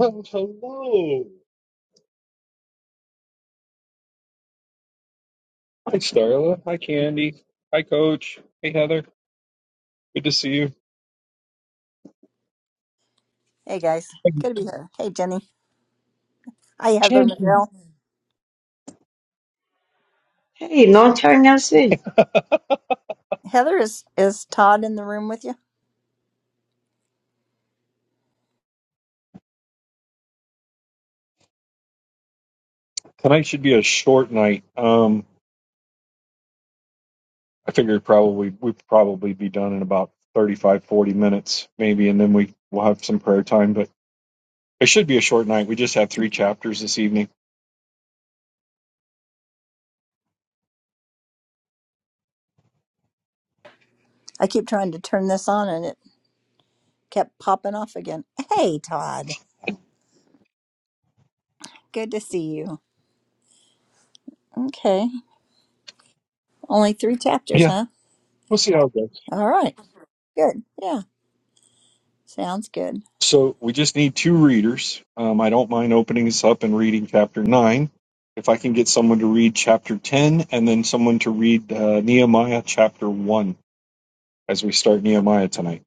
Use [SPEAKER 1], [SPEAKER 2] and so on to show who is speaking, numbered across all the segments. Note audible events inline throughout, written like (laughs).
[SPEAKER 1] Oh, hello. Hi, Starla. Hi, Candy. Hi, Coach. Hey, Heather. Good to see you.
[SPEAKER 2] Hey guys, good to be here. Hey Jenny. Hi Heather McGill.
[SPEAKER 3] Hey, long time no see.
[SPEAKER 2] Heather is is Todd in the room with you?
[SPEAKER 1] Tonight should be a short night. Um, I figured probably we'd probably be done in about 35, 40 minutes, maybe, and then we will have some prayer time. But it should be a short night. We just have three chapters this evening.
[SPEAKER 2] I keep trying to turn this on and it kept popping off again. Hey Todd, good to see you. Okay, only three chapters,
[SPEAKER 1] Yeah,
[SPEAKER 2] huh?
[SPEAKER 1] we'll see how it goes.
[SPEAKER 2] All right, good. Yeah, sounds good.
[SPEAKER 1] So we just need two readers. Um, I don't mind opening this up and reading chapter nine. If I can get someone to read chapter 10 and then someone to read uh, Nehemiah chapter 1. as we start Nehemiah tonight.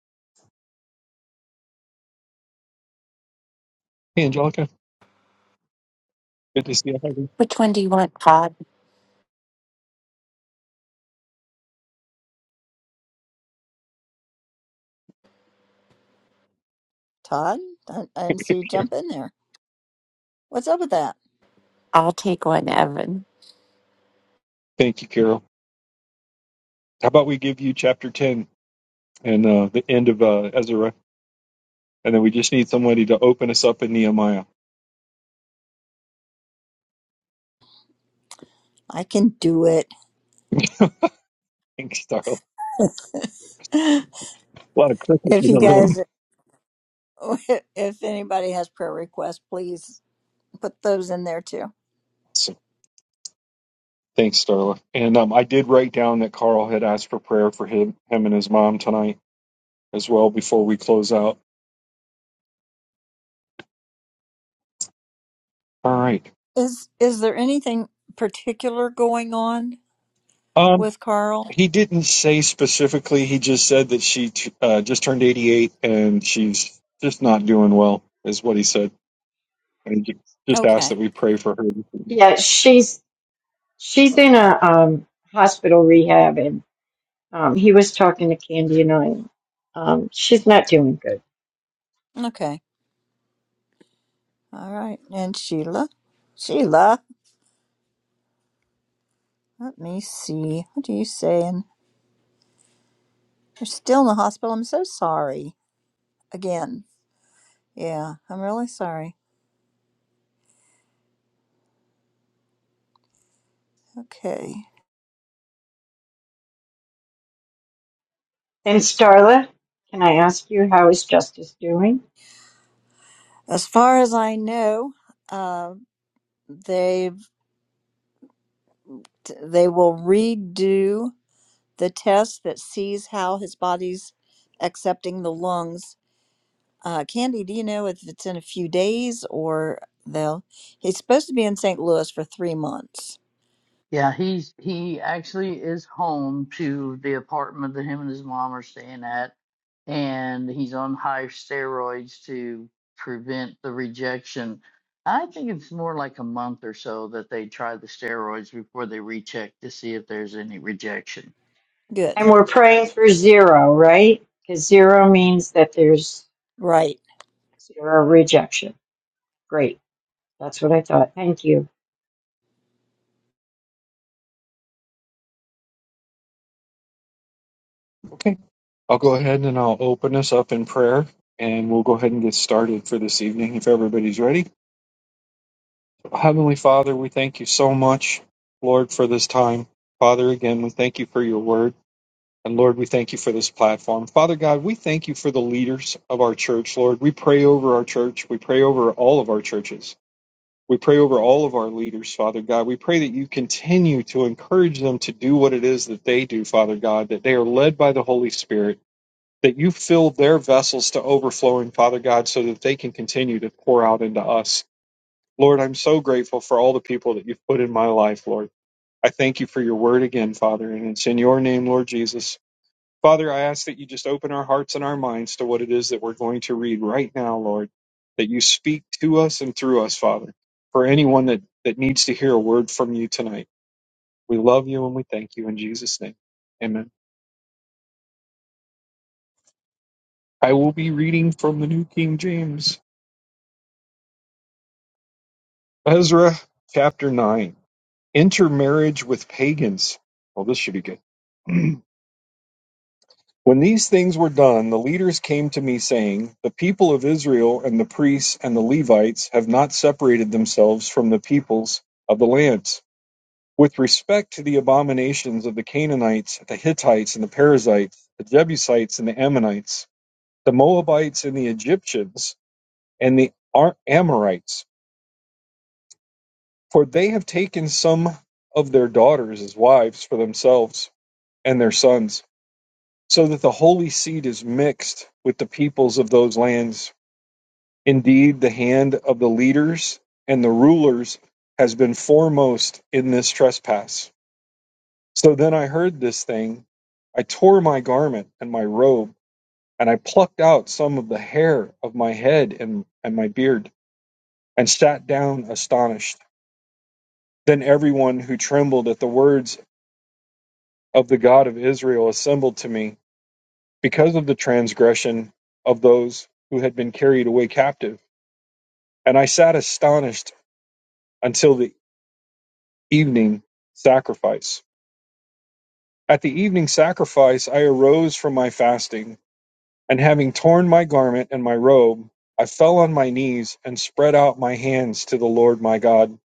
[SPEAKER 1] Hey, Angelica, good to see you.
[SPEAKER 4] Which one do you want, Todd?
[SPEAKER 2] Todd, I, I didn't see you jump in there. What's up with that?
[SPEAKER 4] I'll take one, Evan.
[SPEAKER 1] Thank you, Carol. How about we give you chapter 10 and uh, the end of uh, Ezra, and then we just need somebody to open us up in Nehemiah.
[SPEAKER 2] I can do it.
[SPEAKER 1] Thanks, Starla.
[SPEAKER 2] (gasps) (laughs)
[SPEAKER 1] A lot of crickets
[SPEAKER 2] If
[SPEAKER 1] in
[SPEAKER 2] you
[SPEAKER 1] the
[SPEAKER 2] guys,
[SPEAKER 1] room.
[SPEAKER 2] (laughs) if anybody has prayer requests, please put those in there too.
[SPEAKER 1] So, thanks, Starla. And um, I did write down that Carl had asked for prayer for him, him and his mom tonight as well before we close out. All right.
[SPEAKER 2] Is is there anything particular going on
[SPEAKER 1] Um,
[SPEAKER 2] with Carl?
[SPEAKER 1] he didn't say specifically. He just said that she t- uh, just turned 88 and she's just not doing well, is what he said. and ju- just ask that
[SPEAKER 2] Okay.
[SPEAKER 1] we pray for her.
[SPEAKER 3] Yeah, she's she's in a um hospital rehab and um he was talking to Candy and I. Um she's not doing good.
[SPEAKER 2] Okay. All right. And Sheila? Sheila, let me see. What are you saying? You're still in the hospital. I'm so sorry. Again. Yeah, I'm really sorry. Okay.
[SPEAKER 3] And Starla, can I ask you how is Justice doing?
[SPEAKER 2] As far as I know, uh, they've they will redo the test that sees how his body's accepting the lungs Uh, Candy, do you know if it's in a few days or they'll? He's supposed to be in St. Louis for three months.
[SPEAKER 5] Yeah, he's he actually is home to the apartment that him and his mom are staying at, and he's on high steroids to prevent the rejection. I think it's more like a month or so that they try the steroids before they recheck to see if there's any rejection.
[SPEAKER 3] And
[SPEAKER 2] Good.
[SPEAKER 3] we're praying for zero, right? Because zero means that there's
[SPEAKER 2] Right.
[SPEAKER 3] zero rejection. Great. That's what I thought. Thank you.
[SPEAKER 1] Okay. I'll go ahead and I'll open us up in prayer and we'll go ahead and get started for this evening if everybody's ready. Heavenly Father, we thank you so much, Lord, for this time. Father, again, we thank you for your word. And Lord, we thank you for this platform. Father God, we thank you for the leaders of our church, Lord. We pray over our church. We pray over all of our churches. We pray over all of our leaders, Father God. We pray that you continue to encourage them to do what it is that they do, Father God, that they are led by the Holy Spirit, that you fill their vessels to overflowing, Father God, so that they can continue to pour out into us. Lord, I'm so grateful for all the people that you've put in my life, Lord. I thank you for your word again, Father, and it's in your name, Lord Jesus. Father, I ask that you just open our hearts and our minds to what it is that we're going to read right now, Lord, that you speak to us and through us, Father, for anyone that, that needs to hear a word from you tonight. We love you and we thank you in Jesus' name. Amen. I will be reading from the New King James, Ezra chapter 9. Intermarriage with pagans. Well, this should be good. (clears throat) When these things were done, the leaders came to me, saying, The people of Israel and the priests and the Levites have not separated themselves from the peoples of the lands. With respect to the abominations of the Canaanites, the Hittites and the Perizzites, the Jebusites and the Ammonites, the Moabites and the Egyptians, and the Ar- Amorites, for they have taken some of their daughters as wives for themselves and their sons, so that the holy seed is mixed with the peoples of those lands Indeed, the hand of the leaders and the rulers has been foremost in this trespass. So then I heard this thing. I tore my garment and my robe, and I plucked out some of the hair of my head and, and my beard, and sat down astonished. Then everyone who trembled at the words of the God of Israel assembled to me because of the transgression of those who had been carried away captive. And I sat astonished until the evening sacrifice. At the evening sacrifice, I arose from my fasting, and having torn my garment and my robe, I fell on my knees and spread out my hands to the Lord my God.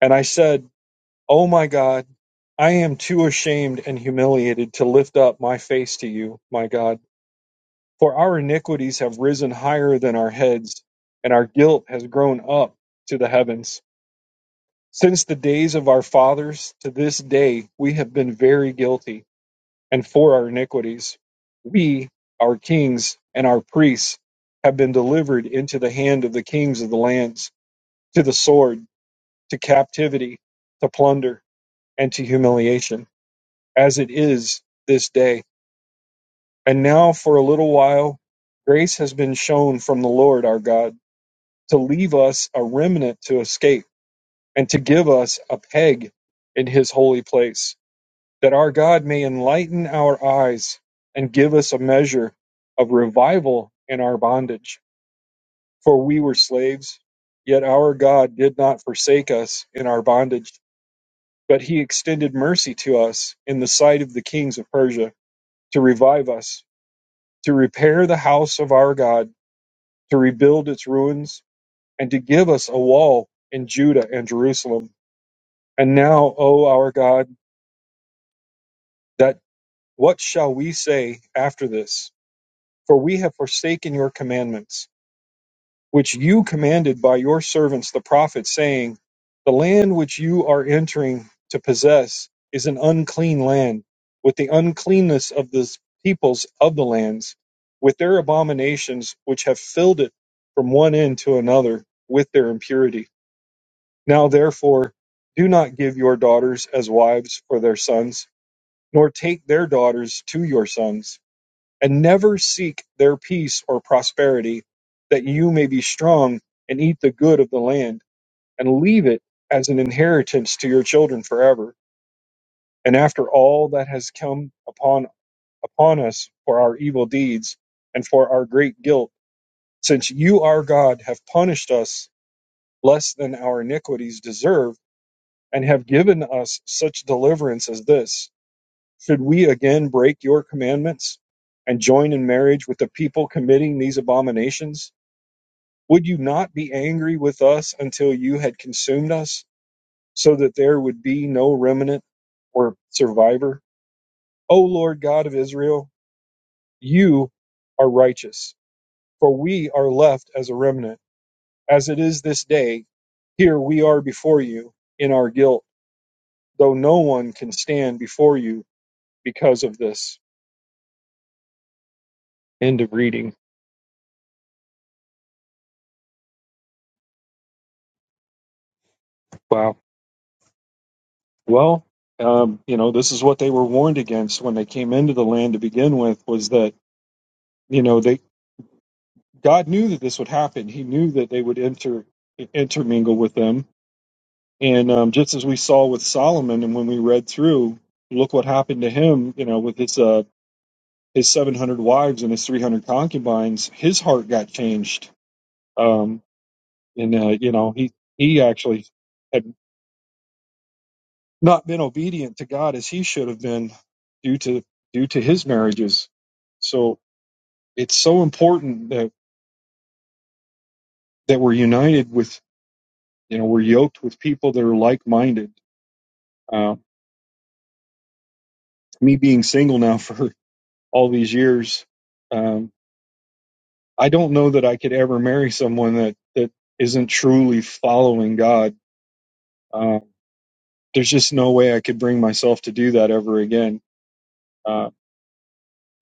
[SPEAKER 1] And I said, O my God, I am too ashamed and humiliated to lift up my face to you, my God. For our iniquities have risen higher than our heads, and our guilt has grown up to the heavens. Since the days of our fathers to this day, we have been very guilty. and for our iniquities. We, our kings, and our priests have been delivered into the hand of the kings of the lands, to the sword, to captivity, to plunder, and to humiliation, as it is this day. And now, for a little while, grace has been shown from the Lord our God to leave us a remnant to escape and to give us a peg in his holy place that our God may enlighten our eyes and give us a measure of revival in our bondage. For we were slaves, yet our God did not forsake us in our bondage, but he extended mercy to us in the sight of the kings of Persia to revive us, to repair the house of our God, to rebuild its ruins, and to give us a wall in Judah and Jerusalem. And now, O our God, that what shall we say after this? For we have forsaken your commandments, which you commanded by your servants the prophets, saying, The land which you are entering to possess is an unclean land, with the uncleanness of the peoples of the lands, with their abominations which have filled it from one end to another with their impurity. Now therefore, do not give your daughters as wives for their sons, nor take their daughters to your sons and never seek their peace or prosperity, that you may be strong and eat the good of the land, and leave it as an inheritance to your children forever. And after all that has come upon upon us for our evil deeds and for our great guilt, since you, our God, have punished us less than our iniquities deserve, and have given us such deliverance as this Should we again break your commandments and join in marriage with the people committing these abominations? Would you not be angry with us until you had consumed us, so that there would be no remnant or survivor? O Lord God of Israel, you are righteous, for we are left as a remnant. As it is this day, here we are before you in our guilt, though no one can stand before you because of this. End of reading. Wow. Well, um, you know, this is what they were warned against when they came into the land to begin with was that, you know, they God knew that this would happen. He knew that they would inter intermingle with them. And um, just as we saw with Solomon and when we read through, look what happened to him, you know, with his uh his 700 wives and his 300 concubines, his heart got changed. Um and uh, you know, he he actually not been obedient to God as he should have been due to due to his marriages. So it's so important that that we're united with you know we're yoked with people that are like minded. Uh, me being single now (laughs) for all these years, um, I don't know that I could ever marry someone that that isn't truly following God. Uh, there's just no way I could bring myself to do that ever again. Uh,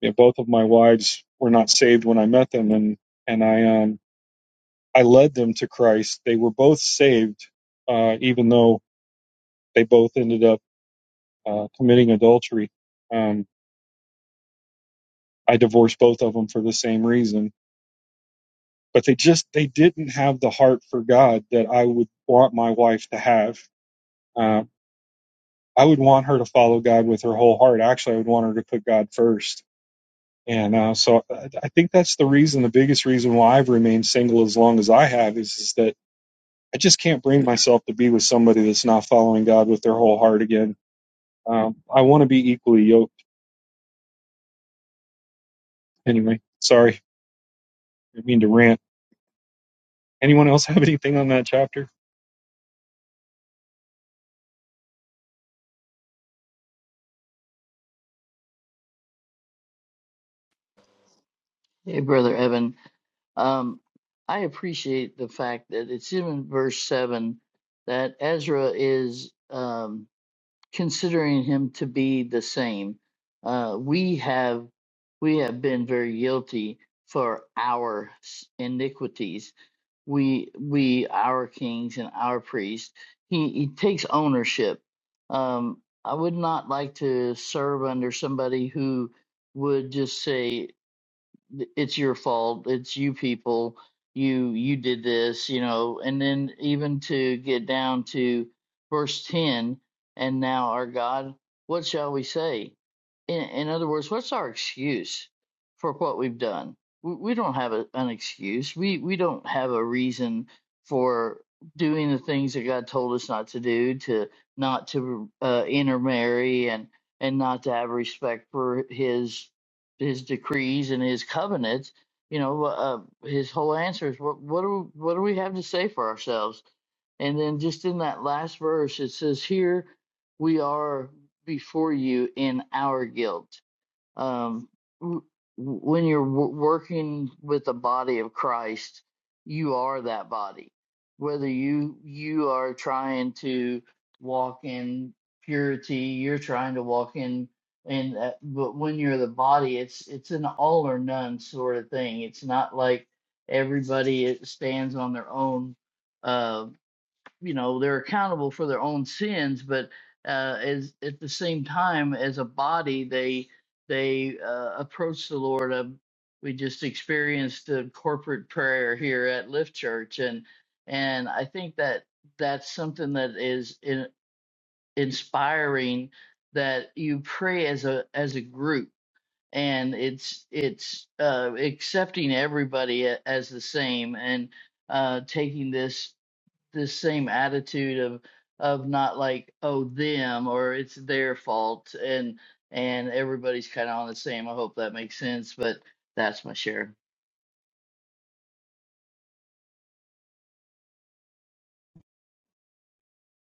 [SPEAKER 1] you know, both of my wives were not saved when I met them, and and I um, I led them to Christ. They were both saved, uh, even though they both ended up uh, committing adultery. Um, I divorced both of them for the same reason, but they just they didn't have the heart for God that I would want my wife to have. Uh, I would want her to follow God with her whole heart. Actually, I would want her to put God first. And uh, so I, I think that's the reason, the biggest reason why I've remained single as long as I have is, is that I just can't bring myself to be with somebody that's not following God with their whole heart again Um, I want to be equally yoked. Anyway, sorry, I didn't mean to rant. Anyone else (laughs) have anything on that chapter?
[SPEAKER 5] Hey, brother Evan, um, I appreciate the fact that it's in verse seven that Ezra is. Um, considering him to be the same. Uh, we have we have been very guilty for our s- iniquities. We we our kings and our priests. He he takes ownership. Um, I would not like to serve under somebody who would just say it's your fault it's you people you you did this you know and then even to get down to verse 10 and now our god what shall we say in, in other words what's our excuse for what we've done we, we don't have a, an excuse we we don't have a reason for doing the things that god told us not to do to not to uh, intermarry and and not to have respect for his his decrees and his covenants you know uh, uh, his whole answer is what what do what do we have to say for ourselves and then just in that last verse it says here we are before you in our guilt um, w- when you're w- working with the body of Christ, you are that body. Whether you you are trying to walk in purity, you're trying to walk in in that, but when you're the body, it's it's an all or none sort of thing. It's not like everybody stands on their own uh, you know they're accountable for their own sins but uh as at the same time as a body they they uh, approach the lord uh, we just experienced a corporate prayer here at lift church and and i think that that's something that is in, inspiring that you pray as a as a group and it's it's uh accepting everybody a- as the same and uh taking this this same attitude of of not like oh them or it's their fault and and everybody's kind of on the same i hope that makes sense but that's my share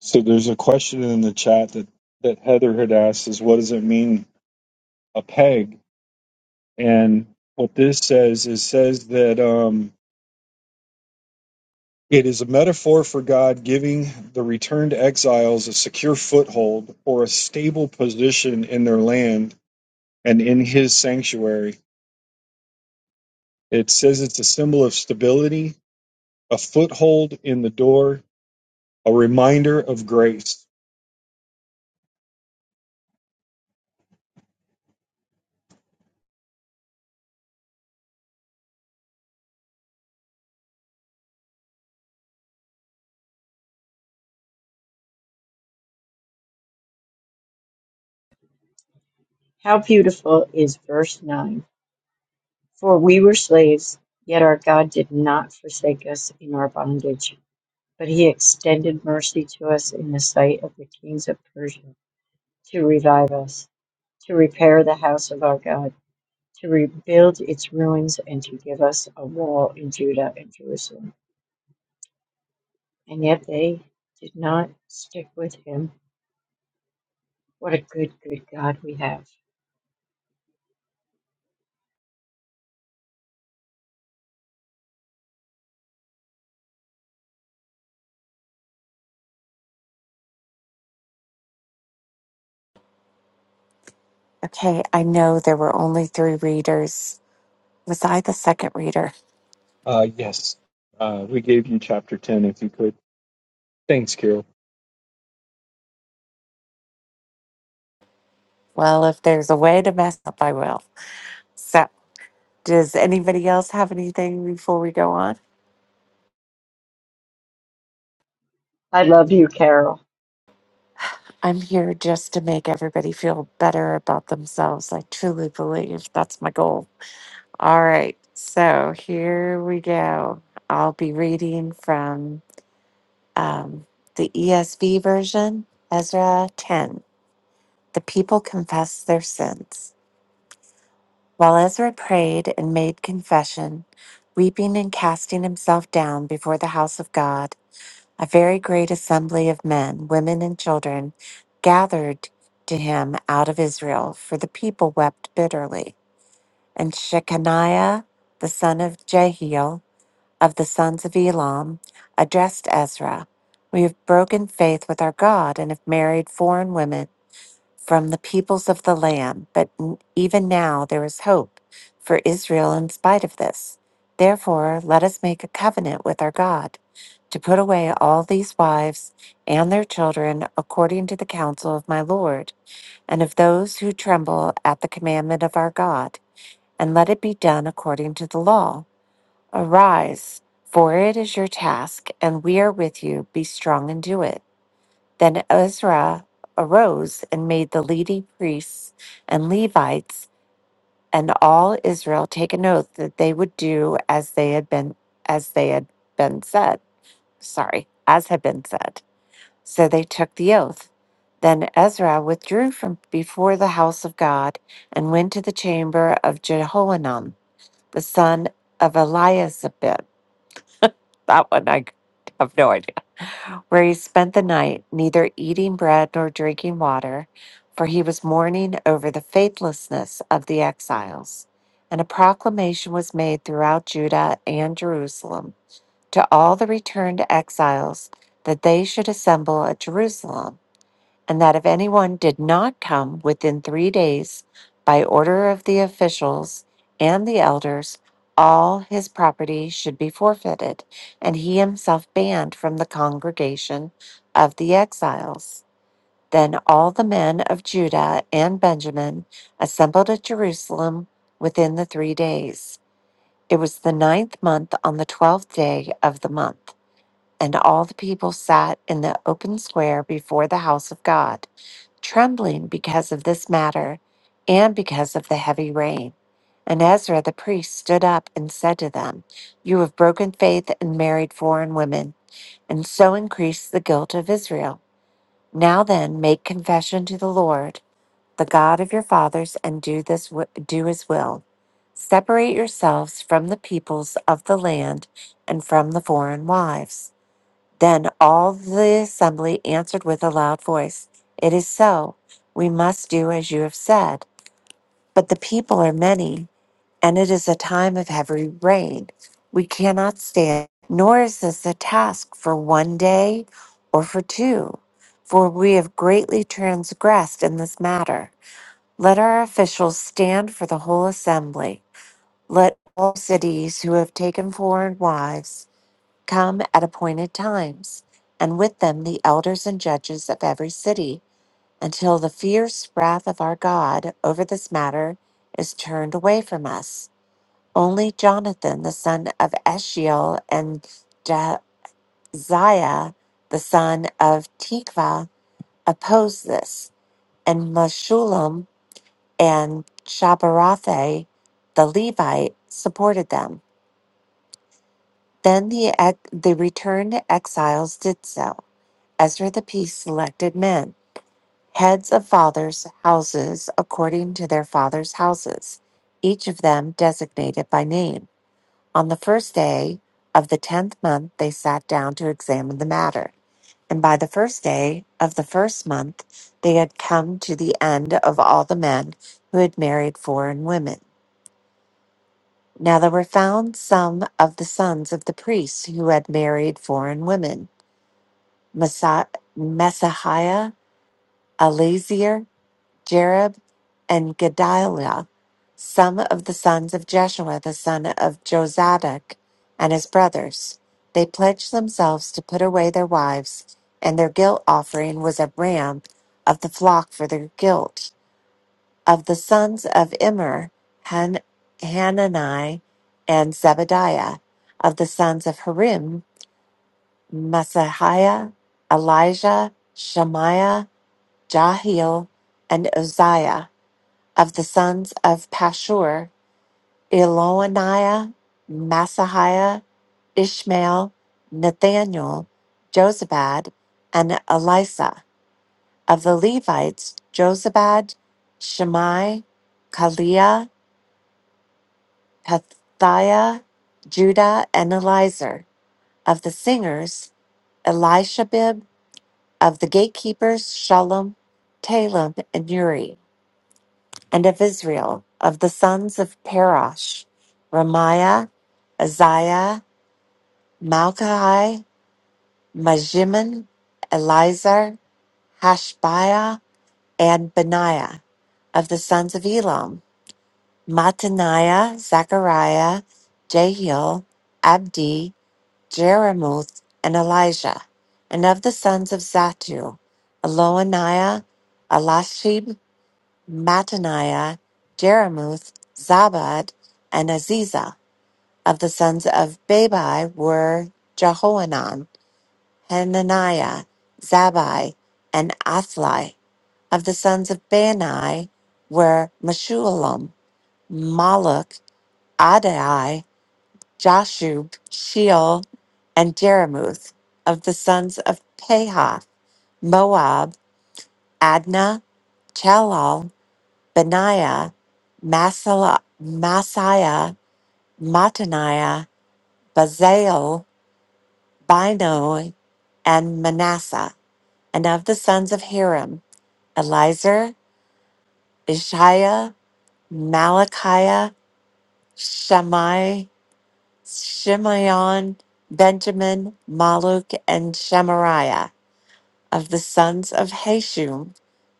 [SPEAKER 1] So there's a question in the chat that, that Heather had asked is what does it mean a peg? And what this says is says that um, it is a metaphor for God giving the returned exiles a secure foothold or a stable position in their land and in his sanctuary. It says it's a symbol of stability, a foothold in the door, A reminder of grace.
[SPEAKER 3] How beautiful is verse nine. For we were slaves, yet our God did not forsake us in our bondage. But he extended mercy to us in the sight of the kings of Persia, to revive us, to repair the house of our God, to rebuild its ruins, and to give us a wall in Judah and Jerusalem. And yet they did not stick with him. What a good, good God we have.
[SPEAKER 4] Okay, I know there were only three readers. Was I the second reader?
[SPEAKER 1] Uh, yes. Uh, we gave you chapter 10 if you could. Thanks, Carol.
[SPEAKER 4] Well, if there's a way to mess up, I will. So, does anybody else have anything before we go on?
[SPEAKER 3] I love you, Carol.
[SPEAKER 4] I'm here just to make everybody feel better about themselves. I truly believe that's my goal. All right, so here we go. I'll be reading from um, the ESV version, Ezra 10. The people confessed their sins. While Ezra prayed and made confession, weeping and casting himself down before the house of God, a very great assembly of men, women, and children gathered to him out of Israel, for the people wept bitterly. And Shechaniah, the son of Jehiel, of the sons of Elam, addressed Ezra We have broken faith with our God and have married foreign women from the peoples of the land, but n- even now there is hope for Israel in spite of this. Therefore, let us make a covenant with our God to put away all these wives and their children according to the counsel of my Lord and of those who tremble at the commandment of our God, and let it be done according to the law. Arise, for it is your task, and we are with you. Be strong and do it. Then Ezra arose and made the leading priests and Levites and all Israel take an oath that they would do as they had been as they had been said. Sorry, as had been said. So they took the oath. Then Ezra withdrew from before the house of God and went to the chamber of Jehohanan, the son of Eliasaph. That one I have no idea where he spent the night, neither eating bread nor drinking water, for he was mourning over the faithlessness of the exiles. And a proclamation was made throughout Judah and Jerusalem to all the returned exiles that they should assemble at Jerusalem and that if anyone did not come within three days by order of the officials and the elders, all his property should be forfeited, and he himself banned from the congregation of the exiles. Then all the men of Judah and Benjamin assembled at Jerusalem within the three days. It was the ninth month on the twelfth day of the month, and all the people sat in the open square before the house of God trembling because of this matter and because of the heavy rain. And Ezra the priest stood up and said to them, You have broken faith and married foreign women, and so increased the guilt of Israel. Now then, make confession to the Lord, the God of your fathers, and do this wi- do his will. Separate yourselves from the peoples of the land and from the foreign wives. Then all the assembly answered with a loud voice, It is so. We must do as you have said. But the people are many, and it is a time of heavy rain. We cannot stand, nor is this a task for one day or for two, for we have greatly transgressed in this matter. Let our officials stand for the whole assembly. Let all cities who have taken foreign wives come at appointed times, and with them the elders and judges of every city, until the fierce wrath of our God over this matter is turned away from us. Only Jonathan, the son of Eshiel, and Jaziah, the son of Tikva, opposed this, and Meshulam and Shabarathai, the Levite, supported them. Then the, ex- the returned exiles did so. Ezra the Peace selected men, heads of fathers' houses according to their fathers' houses, each of them designated by name. On the first day of the tenth month, they sat down to examine the matter. And by the first day of the first month, they had come to the end of all the men who had married foreign women. Now there were found some of the sons of the priests who had married foreign women Messiah, Messiah Jarib, and Gedaliah, some of the sons of Jeshua the son of Jozadak, and his brothers. They pledged themselves to put away their wives, and their guilt offering was a ram of the flock for their guilt. Of the sons of Immer, Han- Hanani and Zebadiah. Of the sons of Harim, Masahiah, Elijah, Shemaiah, Jahiel, and Uzziah of the sons of Pashur, Eloniah, Masahiah, Ishmael, Nathaniel, Josabad, and Elisa. Of the Levites, Josabad, Shimei, Kaliah, Pethiah, Judah, and Eliezer; Of the singers, Elishabib. Of the gatekeepers, Shalom, Taleb, and Uri. and of Israel, of the sons of Parash, Ramiah, Isaiah, Malchi, Majiman, Elizar, Hashbiah, and Benaiah, of the sons of Elam, Mataniah, Zechariah, Jehiel, Abdi, Jeremuth, and Elijah, and of the sons of Zatu, Eloniah, Elashib, Mattaniah, Jeremoth, Zabad, and Aziza. Of the sons of Babai were Jehohanan, Hananiah, Zabai, and Athli. Of the sons of Bani were Meshulam, Maluk, Adai, Jashub, Sheol, and Jeremuth. Of the sons of Pahath, Moab, Adna, Chalal. Benaiah, Masala, Masiah, Mataniah, Bazael, Bino, and Manasseh. And of the sons of Hiram, Elizur, Ishiah, Malachiah, Shammai, Shimeon, Benjamin, Maluk, and Shemariah. Of the sons of Hashum,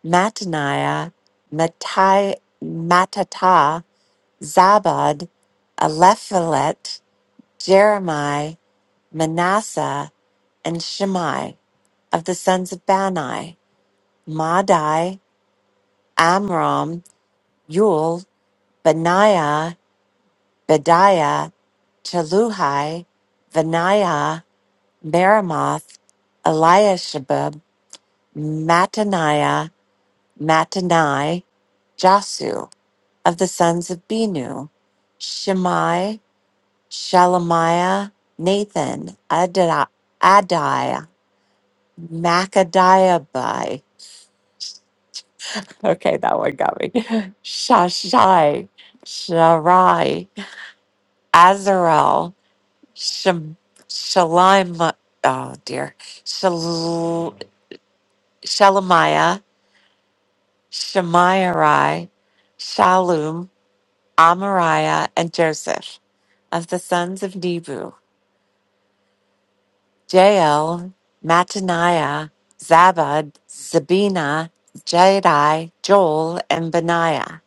[SPEAKER 4] Mattaniah, Mattai, Mattatah, Zabad, Alephalet, Jeremiah, Manasseh, and Shimei of the sons of Bani, Madai, Amram, Yul, Benaiah, Bediah, Cheluhai, Benaiah, Meremoth, Eliashib, Mattaniah, Mattanai, Jasu of the sons of Binu, Shimei, Shelemiah, Nathan, Adai. Macadiabai. Okay, that one got me. (laughs) Shashai, Sharai, Azarel, Shem, Shalima, oh dear, Shal, Shelemiah, Shemairai, Shalum, Amariah, and Joseph. Of the sons of Nebu, Jael, Mattaniah, Zabad, Zabina, Jaedi, Joel, and Benaiah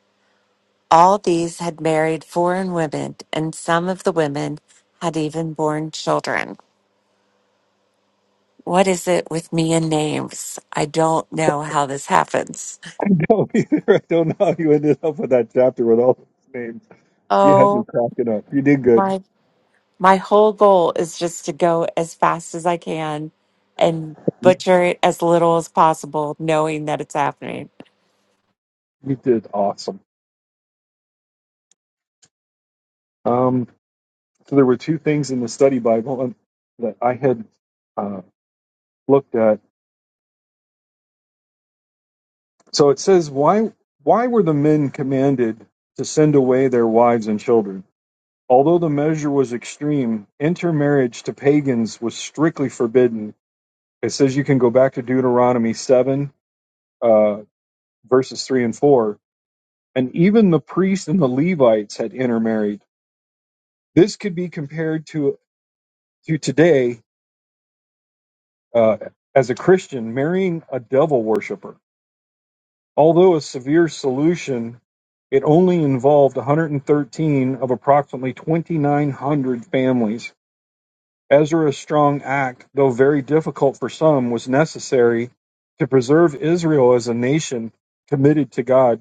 [SPEAKER 4] All these had married foreign women, and some of the women had even borne children. What is it with me and names? I don't know how this happens.
[SPEAKER 1] (laughs) I don't either. (laughs) I don't know how you ended up with that chapter with all those names. You had me
[SPEAKER 4] Oh,
[SPEAKER 1] cracking up. You did good.
[SPEAKER 4] my my whole goal is just to go as fast as I can and
[SPEAKER 1] You,
[SPEAKER 4] butcher it as little as possible, knowing that it's happening.
[SPEAKER 1] you did awesome. Um, so there were two things in the study Bible um, that I had uh, looked at. So it says, why, why were the men commanded to send away their wives and children? Although the measure was extreme, intermarriage to pagans was strictly forbidden It says you can go back to Deuteronomy 7, uh, verses 3 and 4. And even the priests and the Levites had intermarried. This could be compared to, to today uh, as a Christian marrying a devil worshiper. Although a severe solution, it only involved 113 of approximately 2,900 families. Ezra's strong act, though very difficult for some, was necessary to preserve Israel as a nation committed to God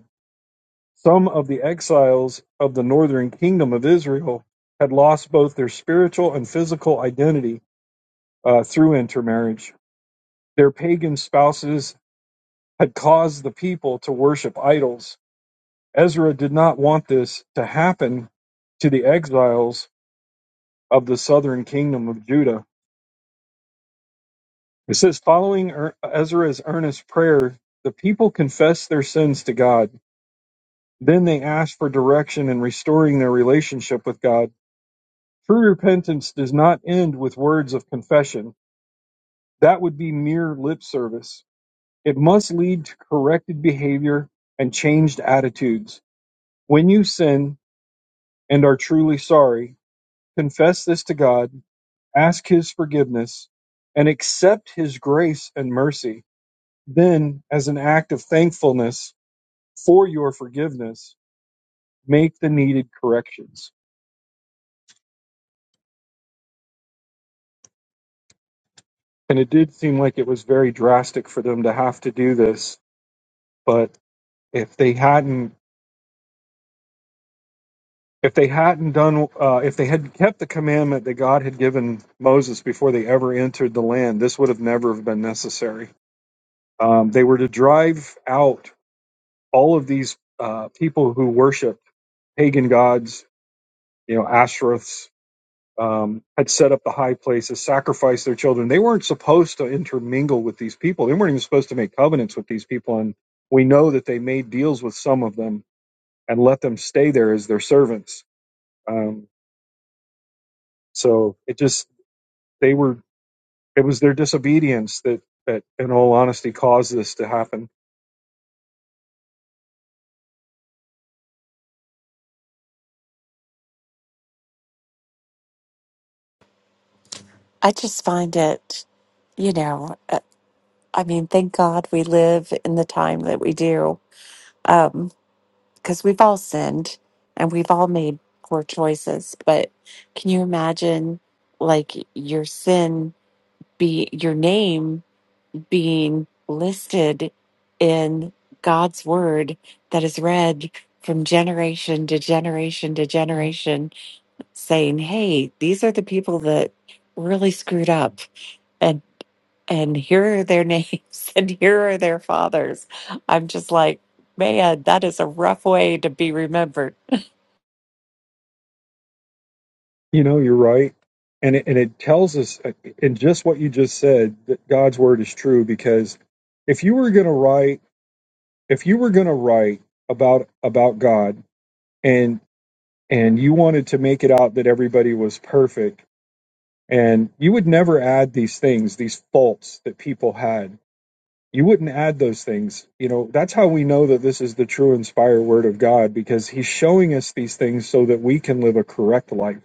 [SPEAKER 1] Some of the exiles of the northern kingdom of Israel had lost both their spiritual and physical identity uh, through intermarriage. Their pagan spouses had caused the people to worship idols. Ezra did not want this to happen to the exiles of the southern kingdom of Judah. It says, following Er- Ezra's earnest prayer, the people confessed their sins to God. Then they asked for direction in restoring their relationship with God. True repentance does not end with words of confession. That would be mere lip service. It must lead to corrected behavior and changed attitudes. When you sin and are truly sorry, confess this to God, ask His forgiveness, and accept His grace and mercy. Then, as an act of thankfulness for your forgiveness, make the needed corrections. And it did seem like it was very drastic for them to have to do this, but if they hadn't if they hadn't done uh, if they had kept the commandment that God had given Moses before they ever entered the land, this would have never have been necessary. Um, they were to drive out all of these uh, people who worshipped pagan gods, you know, Ashtoreths, um, had set up the high places, sacrificed their children. They weren't supposed to intermingle with these people. They weren't even supposed to make covenants with these people. And we know that they made deals with some of them and let them stay there as their servants. Um, So it just they were it was their disobedience that that in all honesty caused this to happen.
[SPEAKER 4] I just find it, you know, uh, I mean, thank God we live in the time that we do. Um, because we've all sinned and we've all made poor choices. But can you imagine, like, your sin be your name being listed in God's word that is read from generation to generation to generation, saying, Hey, these are the people that really screwed up and and here are their (laughs) names and here are their fathers. I'm just like, man, that is a rough way to be remembered
[SPEAKER 1] You know, you're right. And it, and it tells us uh, in just what you just said that God's word is true because if you were going to write if you were going to write about about God and and you wanted to make it out that everybody was perfect and you would never add these things these faults that people had You wouldn't add those things. You know, that's how we know that this is the true inspired word of God because he's showing us these things so that we can live a correct life,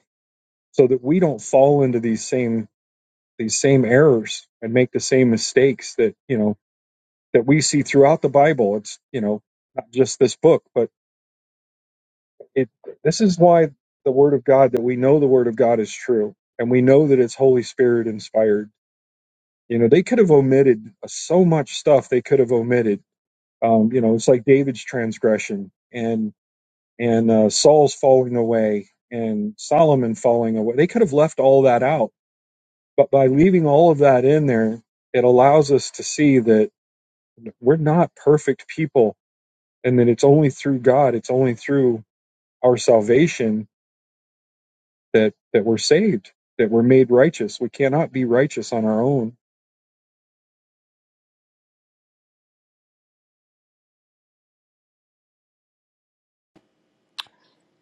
[SPEAKER 1] so that we don't fall into these same these same errors and make the same mistakes that, you know, that we see throughout the Bible. It's, you know, not just this book, but it this is why the word of God that we know the word of God is true and we know that it's Holy Spirit inspired. You know, they could have omitted so much stuff they could have omitted Um, you know, it's like David's transgression and and uh, Saul's falling away and Solomon falling away. They could have left all that out, but by leaving all of that in there, it allows us to see that we're not perfect people, and that it's only through God, it's only through our salvation that that we're saved, that we're made righteous. We cannot be righteous on our own.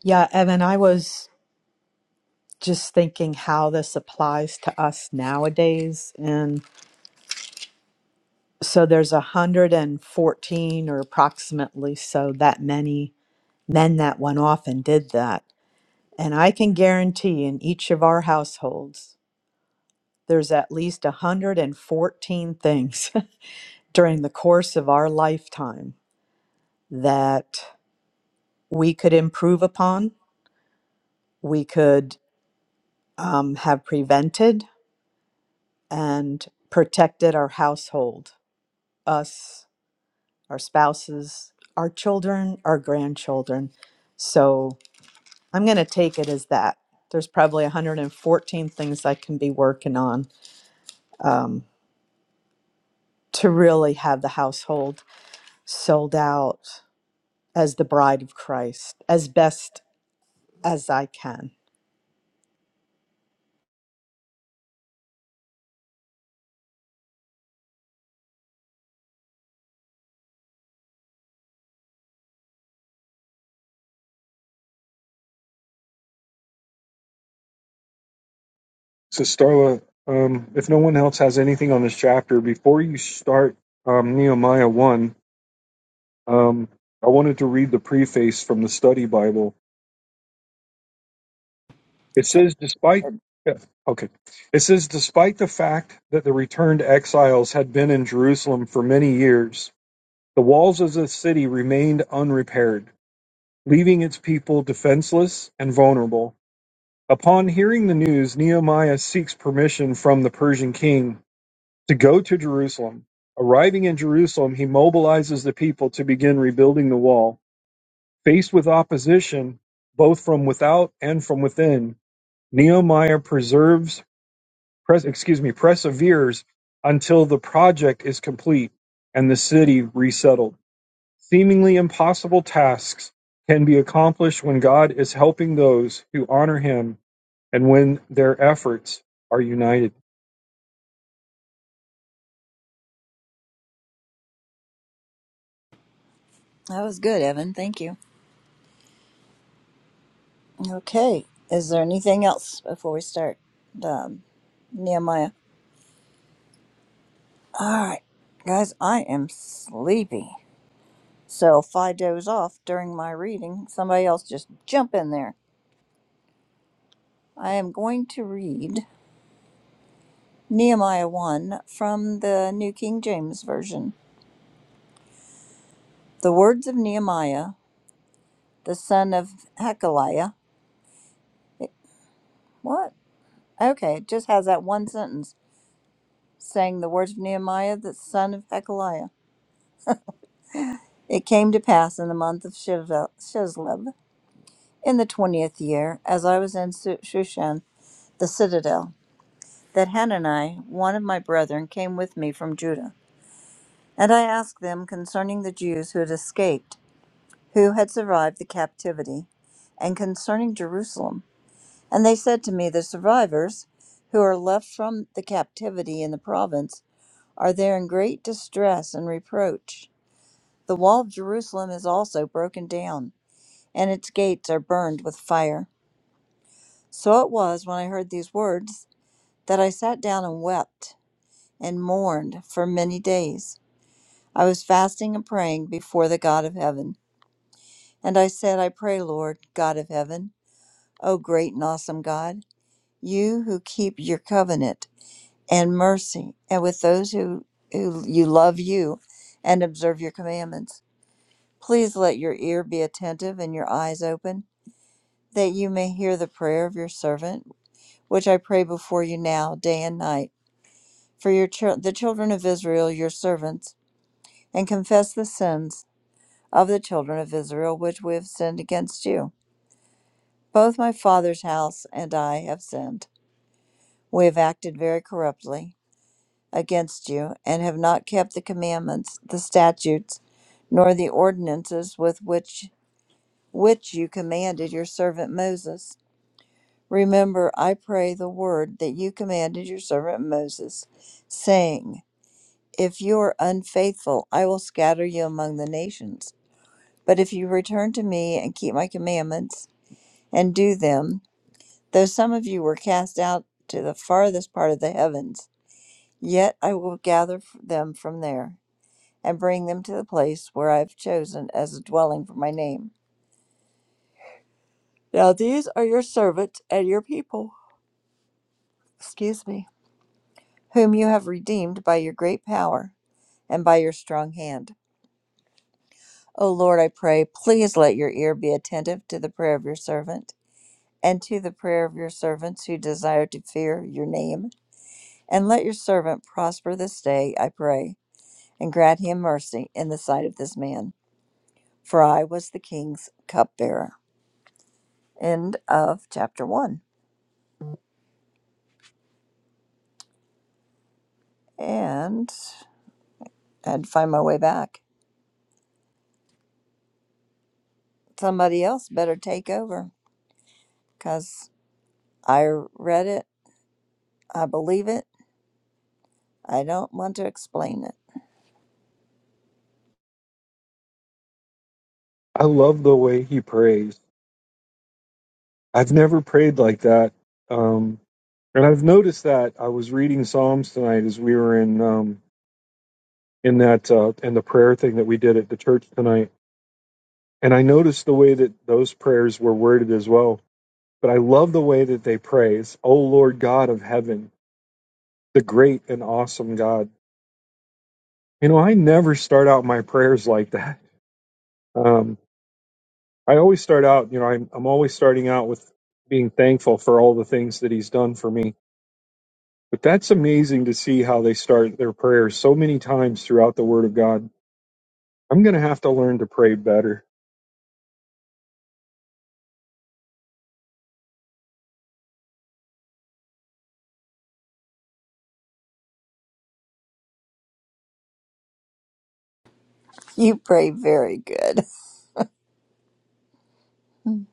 [SPEAKER 6] Yeah, Evan, I was just thinking how this applies to us nowadays. And so there's 114 or approximately so that many men that went off and did that. And I can guarantee in each of our households, there's at least 114 things (laughs) during the course of our lifetime that we could improve upon, we could um, have prevented and protected our household us, our spouses, our children, our grandchildren. So I'm going to take it as that. There's probably 114 things I can be working on um, to really have the household sold out as the bride of Christ as best as I can.
[SPEAKER 1] So, Starla, um, if no one else has anything on this chapter, before you start um, Nehemiah 1, Um, I wanted to read the preface from the study Bible. It
[SPEAKER 2] So,
[SPEAKER 1] says, despite yeah, okay, it says, despite the fact that the returned exiles had been in Jerusalem for many years, the walls of the city remained unrepaired, leaving its people defenseless and vulnerable. Upon hearing the news, Nehemiah seeks permission from the Persian king to go to Jerusalem. Arriving in Jerusalem, he mobilizes the people to begin rebuilding the wall. Faced with opposition, both from without and from within, Nehemiah preserves, pres- excuse me, perseveres until the project is complete and the city resettled. Seemingly impossible tasks can be accomplished when God is helping those who honor Him and when their efforts are united.
[SPEAKER 2] that was good, Evan. Thank you. Okay. Is there anything else before we start? Um, Nehemiah. All right, guys, I am sleepy. So if I doze off during my reading, somebody else just jump in there. I am going to read Nehemiah 1 from the New King James Version. The words of Nehemiah, the son of Hekeliah. It- What? Okay, it just has that one sentence saying the words of Nehemiah, the son of Hekeliah. It came to pass in the month of Shiv- Shislib, in the twentieth year, as I was in Su- Shushan, the citadel. that Hanani, one of my brethren, came with me from Judah. And I asked them concerning the Jews who had escaped, who had survived the captivity, and concerning Jerusalem. And they said to me, The survivors who are left from the captivity in the province are there in great distress and reproach. The wall of Jerusalem is also broken down, and its gates are burned with fire. So it was when I heard these words that I sat down and wept and mourned for many days. I was fasting and praying before the God of heaven. And I said, I pray, Lord, God of heaven, O great and awesome God, you who keep your covenant and mercy, and with those who, who you love you and observe your commandments. Please let your ear be attentive and your eyes open, that you may hear the prayer of your servant, which I pray before you now, day and night, for your chil- the children of Israel, your servants, and confess the sins of the children of Israel which we have sinned against you. Both my father's house and I have sinned. We have acted very corruptly against you, and have not kept the commandments, the statutes, nor the ordinances with which which you commanded your servant Moses. Remember, I pray, the word that you commanded your servant Moses, saying, If you are unfaithful, I will scatter you among the nations. But if you return to me and keep my commandments, and do them. Though some of you were cast out to the farthest part of the heavens, yet I will gather them from there and bring them to the place where I have chosen as a dwelling for my name. Now these are your servants and your people, excuse me, whom you have redeemed by your great power and by your strong hand. O Lord, I pray, please let your ear be attentive to the prayer of your servant and to the prayer of your servants who desire to fear your name And let your servant prosper this day, I pray, and grant him mercy in the sight of this man. For I was the king's cupbearer. End of chapter one. And I had to find my way back. Somebody else better take over because I read it. I believe it. I don't want to explain it. (laughs)
[SPEAKER 1] I love the way he prays. I've never prayed like that. Um, and I've noticed that I was reading Psalms tonight as we were in um, in that uh, in the prayer thing that we did at the church tonight, and I noticed the way that those prayers were worded as well. But I love the way that they praise, "O Lord God of heaven, the great and awesome God." You know, I never start out my prayers like that. Um, I always start out, you know, I'm, I'm always starting out with being thankful for all the things that He's done for me. But that's amazing to see how they start their prayers so many times throughout the Word of God. I'm going to have to learn to pray better.
[SPEAKER 2] You pray very good. (laughs)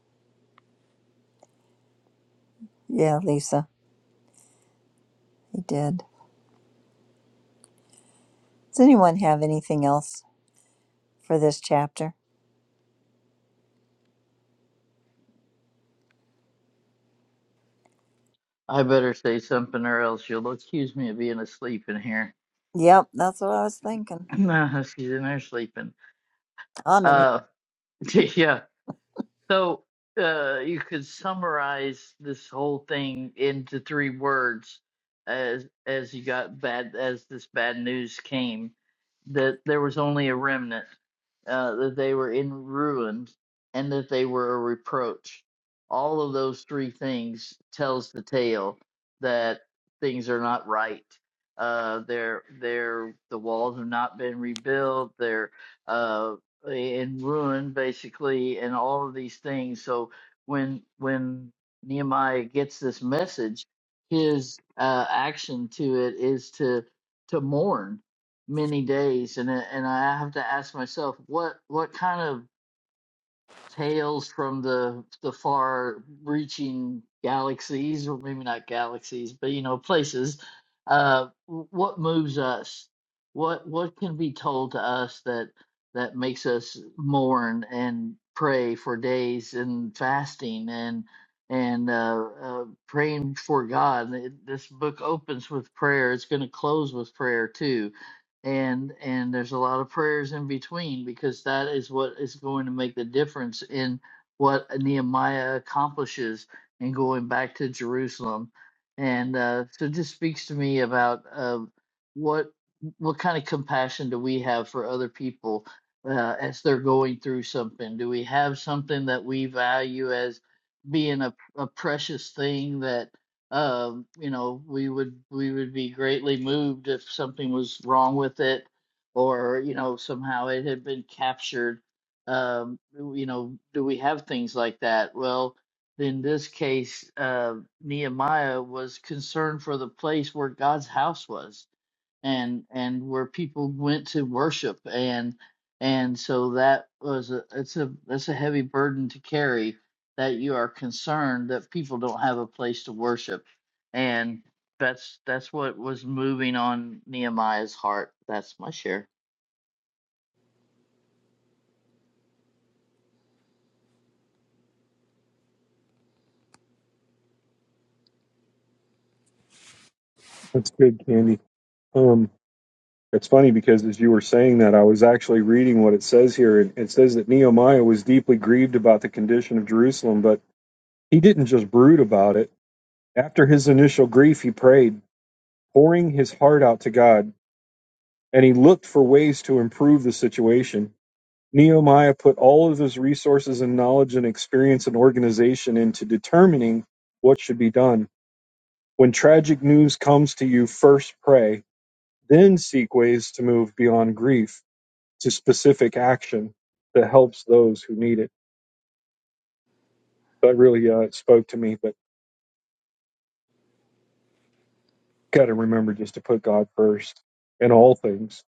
[SPEAKER 2] yeah, Lisa, he did. Does anyone have anything else for this chapter?
[SPEAKER 5] i better say something or else you'll accuse me of being asleep in here
[SPEAKER 2] Yep, that's what I was thinking.
[SPEAKER 5] (clears throat) no she's in there sleeping
[SPEAKER 2] I'm in here.
[SPEAKER 5] uh (laughs) yeah so uh you could summarize this whole thing into three words as as you got bad as this bad news came that there was only a remnant uh, that they were in ruins, and that they were a reproach. All of those three things tells the tale that things are not right. Uh, they're they're the walls have not been rebuilt. They're uh, in ruin basically, and all of these things. So when when Nehemiah gets this message, his uh, action to it is to to mourn many days and I- and I have to ask myself what what kind of tales from the the far reaching galaxies or maybe not galaxies but you know places uh w- what moves us what what can be told to us that that makes us mourn and pray for days and fasting and and uh, uh praying for God Th- this book opens with prayer it's going to close with prayer too and and there's a lot of prayers in between because that is what is going to make the difference in what Nehemiah accomplishes in going back to Jerusalem, and uh, so it just speaks to me about uh, what what kind of compassion do we have for other people uh, as they're going through something? Do we have something that we value as being a, a precious thing that um, you know, we would we would be greatly moved if something was wrong with it, or you know, somehow it had been captured. Um, you know, do we have things like that? Well, in this case, uh, Nehemiah was concerned for the place where God's house was and and where people went to worship and and so that was a it's a that's a heavy burden to carry that you are concerned that people don't have a place to worship and that's that's what was moving on nehemiah's heart that's my share
[SPEAKER 1] That's good, Candy. Um, It's funny because as you were saying that, I was actually reading what it says here. It it says that Nehemiah was deeply grieved about the condition of Jerusalem, but he didn't just brood about it. After his initial grief, he prayed, pouring his heart out to God, and he looked for ways to improve the situation. Nehemiah put all of his resources and knowledge and experience and organization into determining what should be done. When tragic news comes to you, first pray, then seek ways to move beyond grief to specific action that helps those who need it. That really uh, spoke to me, but got to remember just to put God first in all things.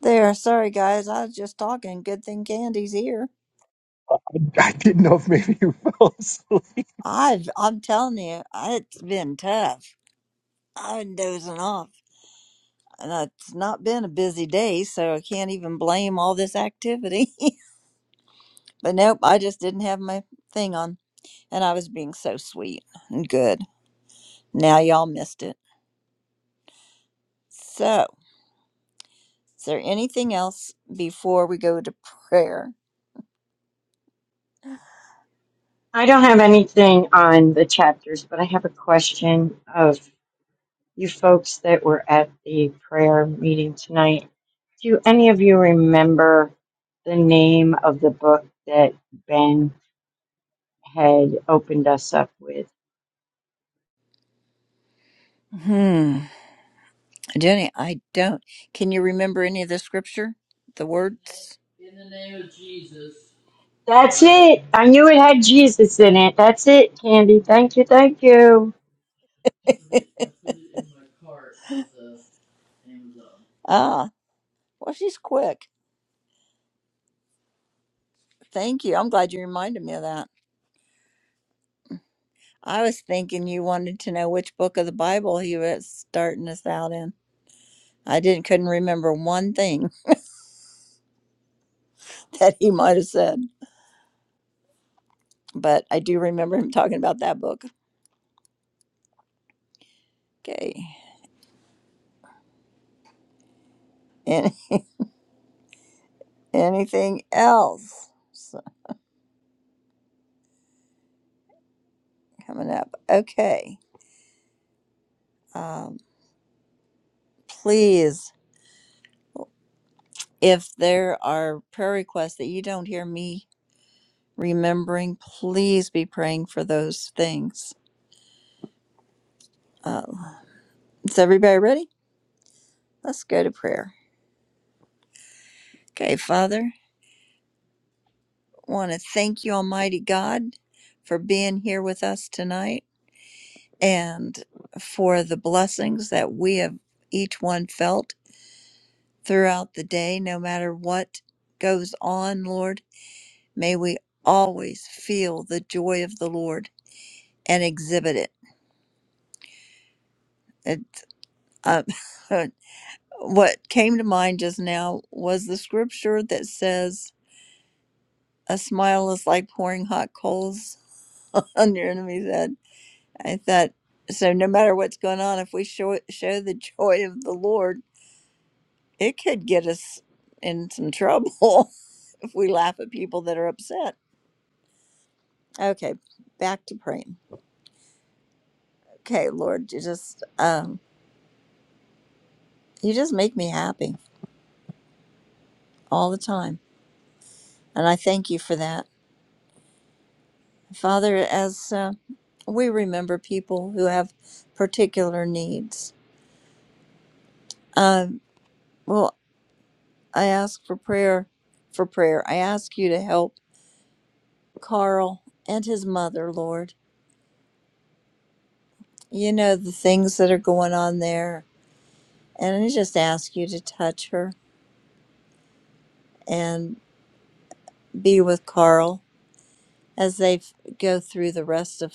[SPEAKER 2] There, sorry guys, I was just talking. Good thing Candy's here.
[SPEAKER 1] (laughs) I didn't know if maybe you (laughs) fell asleep.
[SPEAKER 2] I've, I'm telling you, it's been tough. I've been dozing off, and it's not been a busy day, so I can't even blame all this activity. (laughs) but nope, I just didn't have my thing on, and I was being so sweet and good. Now y'all missed it. So, is there anything else before we go to prayer?
[SPEAKER 3] I don't have anything on the chapters, but I have a question of you folks that were at the prayer meeting tonight Do any of you remember the name of the book that Ben had opened us up with?
[SPEAKER 2] Hmm, Jenny, I don't. Can you remember any of the scripture, the words?
[SPEAKER 3] That's it. I knew it had Jesus in it. That's it, Candy. Thank you. Thank you.
[SPEAKER 2] Ah. Well, she's quick. Thank you. I'm glad you reminded me of that. I was thinking you wanted to know which book of the Bible he was starting us out in. I didn't couldn't remember one thing (laughs) that he might have said, but I do remember him talking about that book. Okay. Any, anything else So, coming up? Okay. Um, please, if there are prayer requests that you don't hear me remembering, please be praying for those things. Uh, is everybody ready? Let's go to prayer. Okay, Father, I want to thank you, Almighty God, for being here with us tonight and for the blessings that we have each one felt throughout the day, no matter what goes on, Lord. May we always feel the joy of the Lord and exhibit it. it um, (laughs) what came to mind just now was the scripture that says, A smile is like pouring hot coals (laughs) on your enemy's head I thought, so no matter what's going on, if we show, show the joy of the Lord, it could get us in some trouble (laughs) if we laugh at people that are upset. Okay, back to praying. Okay, Lord, you just um, you just make me happy all the time, and I thank you for that, Father. As uh, we remember people who have particular needs, um, well, I ask for prayer, for prayer. I ask you to help. Carl and his mother, Lord. You know the things that are going on there. And I just ask you to touch her and be with Carl as they f- go through the rest of,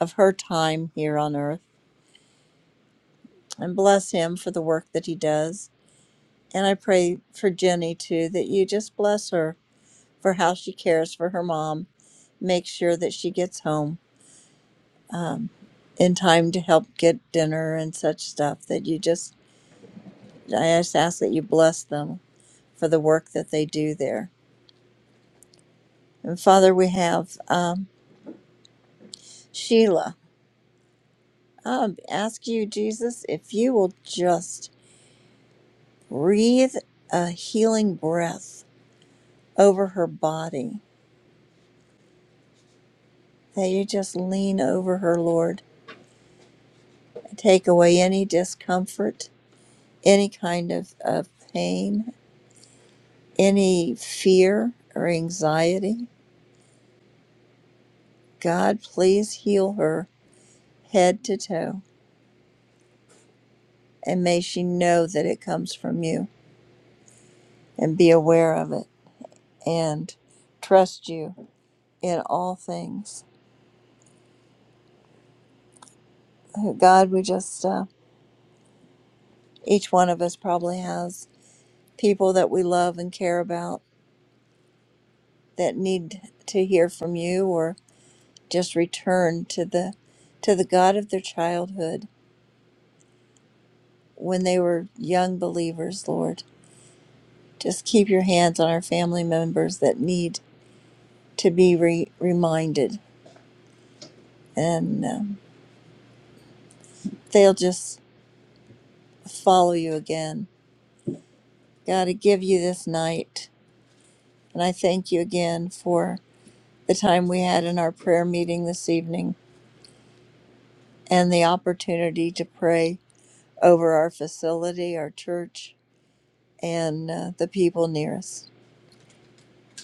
[SPEAKER 2] of her time here on earth. And bless him for the work that he does. And I pray for Jenny too, that you just bless her for how she cares for her mom. Make sure that she gets home um, in time to help get dinner and such stuff. That you just, I just ask that you bless them for the work that they do there. And Father, we have um, Sheila. I ask you, Jesus, if you will just breathe a healing breath over her body, that you just lean over her, Lord, and take away any discomfort, any kind of, of pain, any fear or anxiety. God, please heal her head to toe, and may she know that it comes from you and be aware of it. and trust you in all things. God, we just, uh, each one of us probably has people that we love and care about that need to hear from you or just return to the to the God of their childhood when they were young believers, Lord. Just keep your hands on our family members that need to be re- reminded and um, they'll just follow you again. God, I give you this night And I thank you again for the time we had in our prayer meeting this evening and the opportunity to pray over our facility, our church, and uh, the people near us.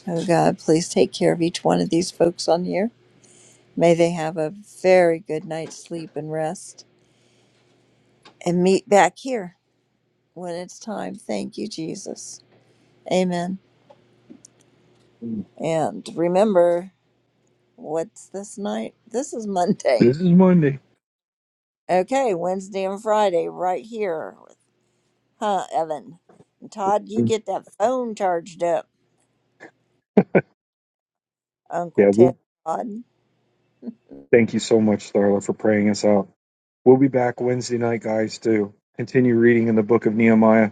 [SPEAKER 2] Oh God, please take care of each one of these folks on here. May they have a very good night's sleep and rest and meet back here when it's time. Thank you, Jesus. Amen. And remember, what's this night? This is
[SPEAKER 1] This
[SPEAKER 2] Monday.
[SPEAKER 1] is Monday.
[SPEAKER 2] Okay, Wednesday and Friday, right here. Huh, Evan? And Todd, you get that phone charged up, Uncle
[SPEAKER 1] Yeah,
[SPEAKER 2] Ted.
[SPEAKER 1] well,
[SPEAKER 2] Todd.
[SPEAKER 1] thank you so much, Starla, for praying us out. We'll be back Wednesday night, guys, to continue reading in the book of Nehemiah.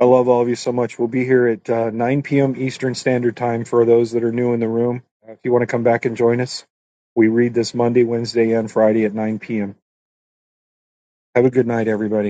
[SPEAKER 1] I love all of you so much. We'll be here at uh, 9 p.m. Eastern Standard Time for those that are new in the room. Uh, If you want to come back and join us, we read this Monday, Wednesday, and Friday at 9 p.m. Have a good night, everybody.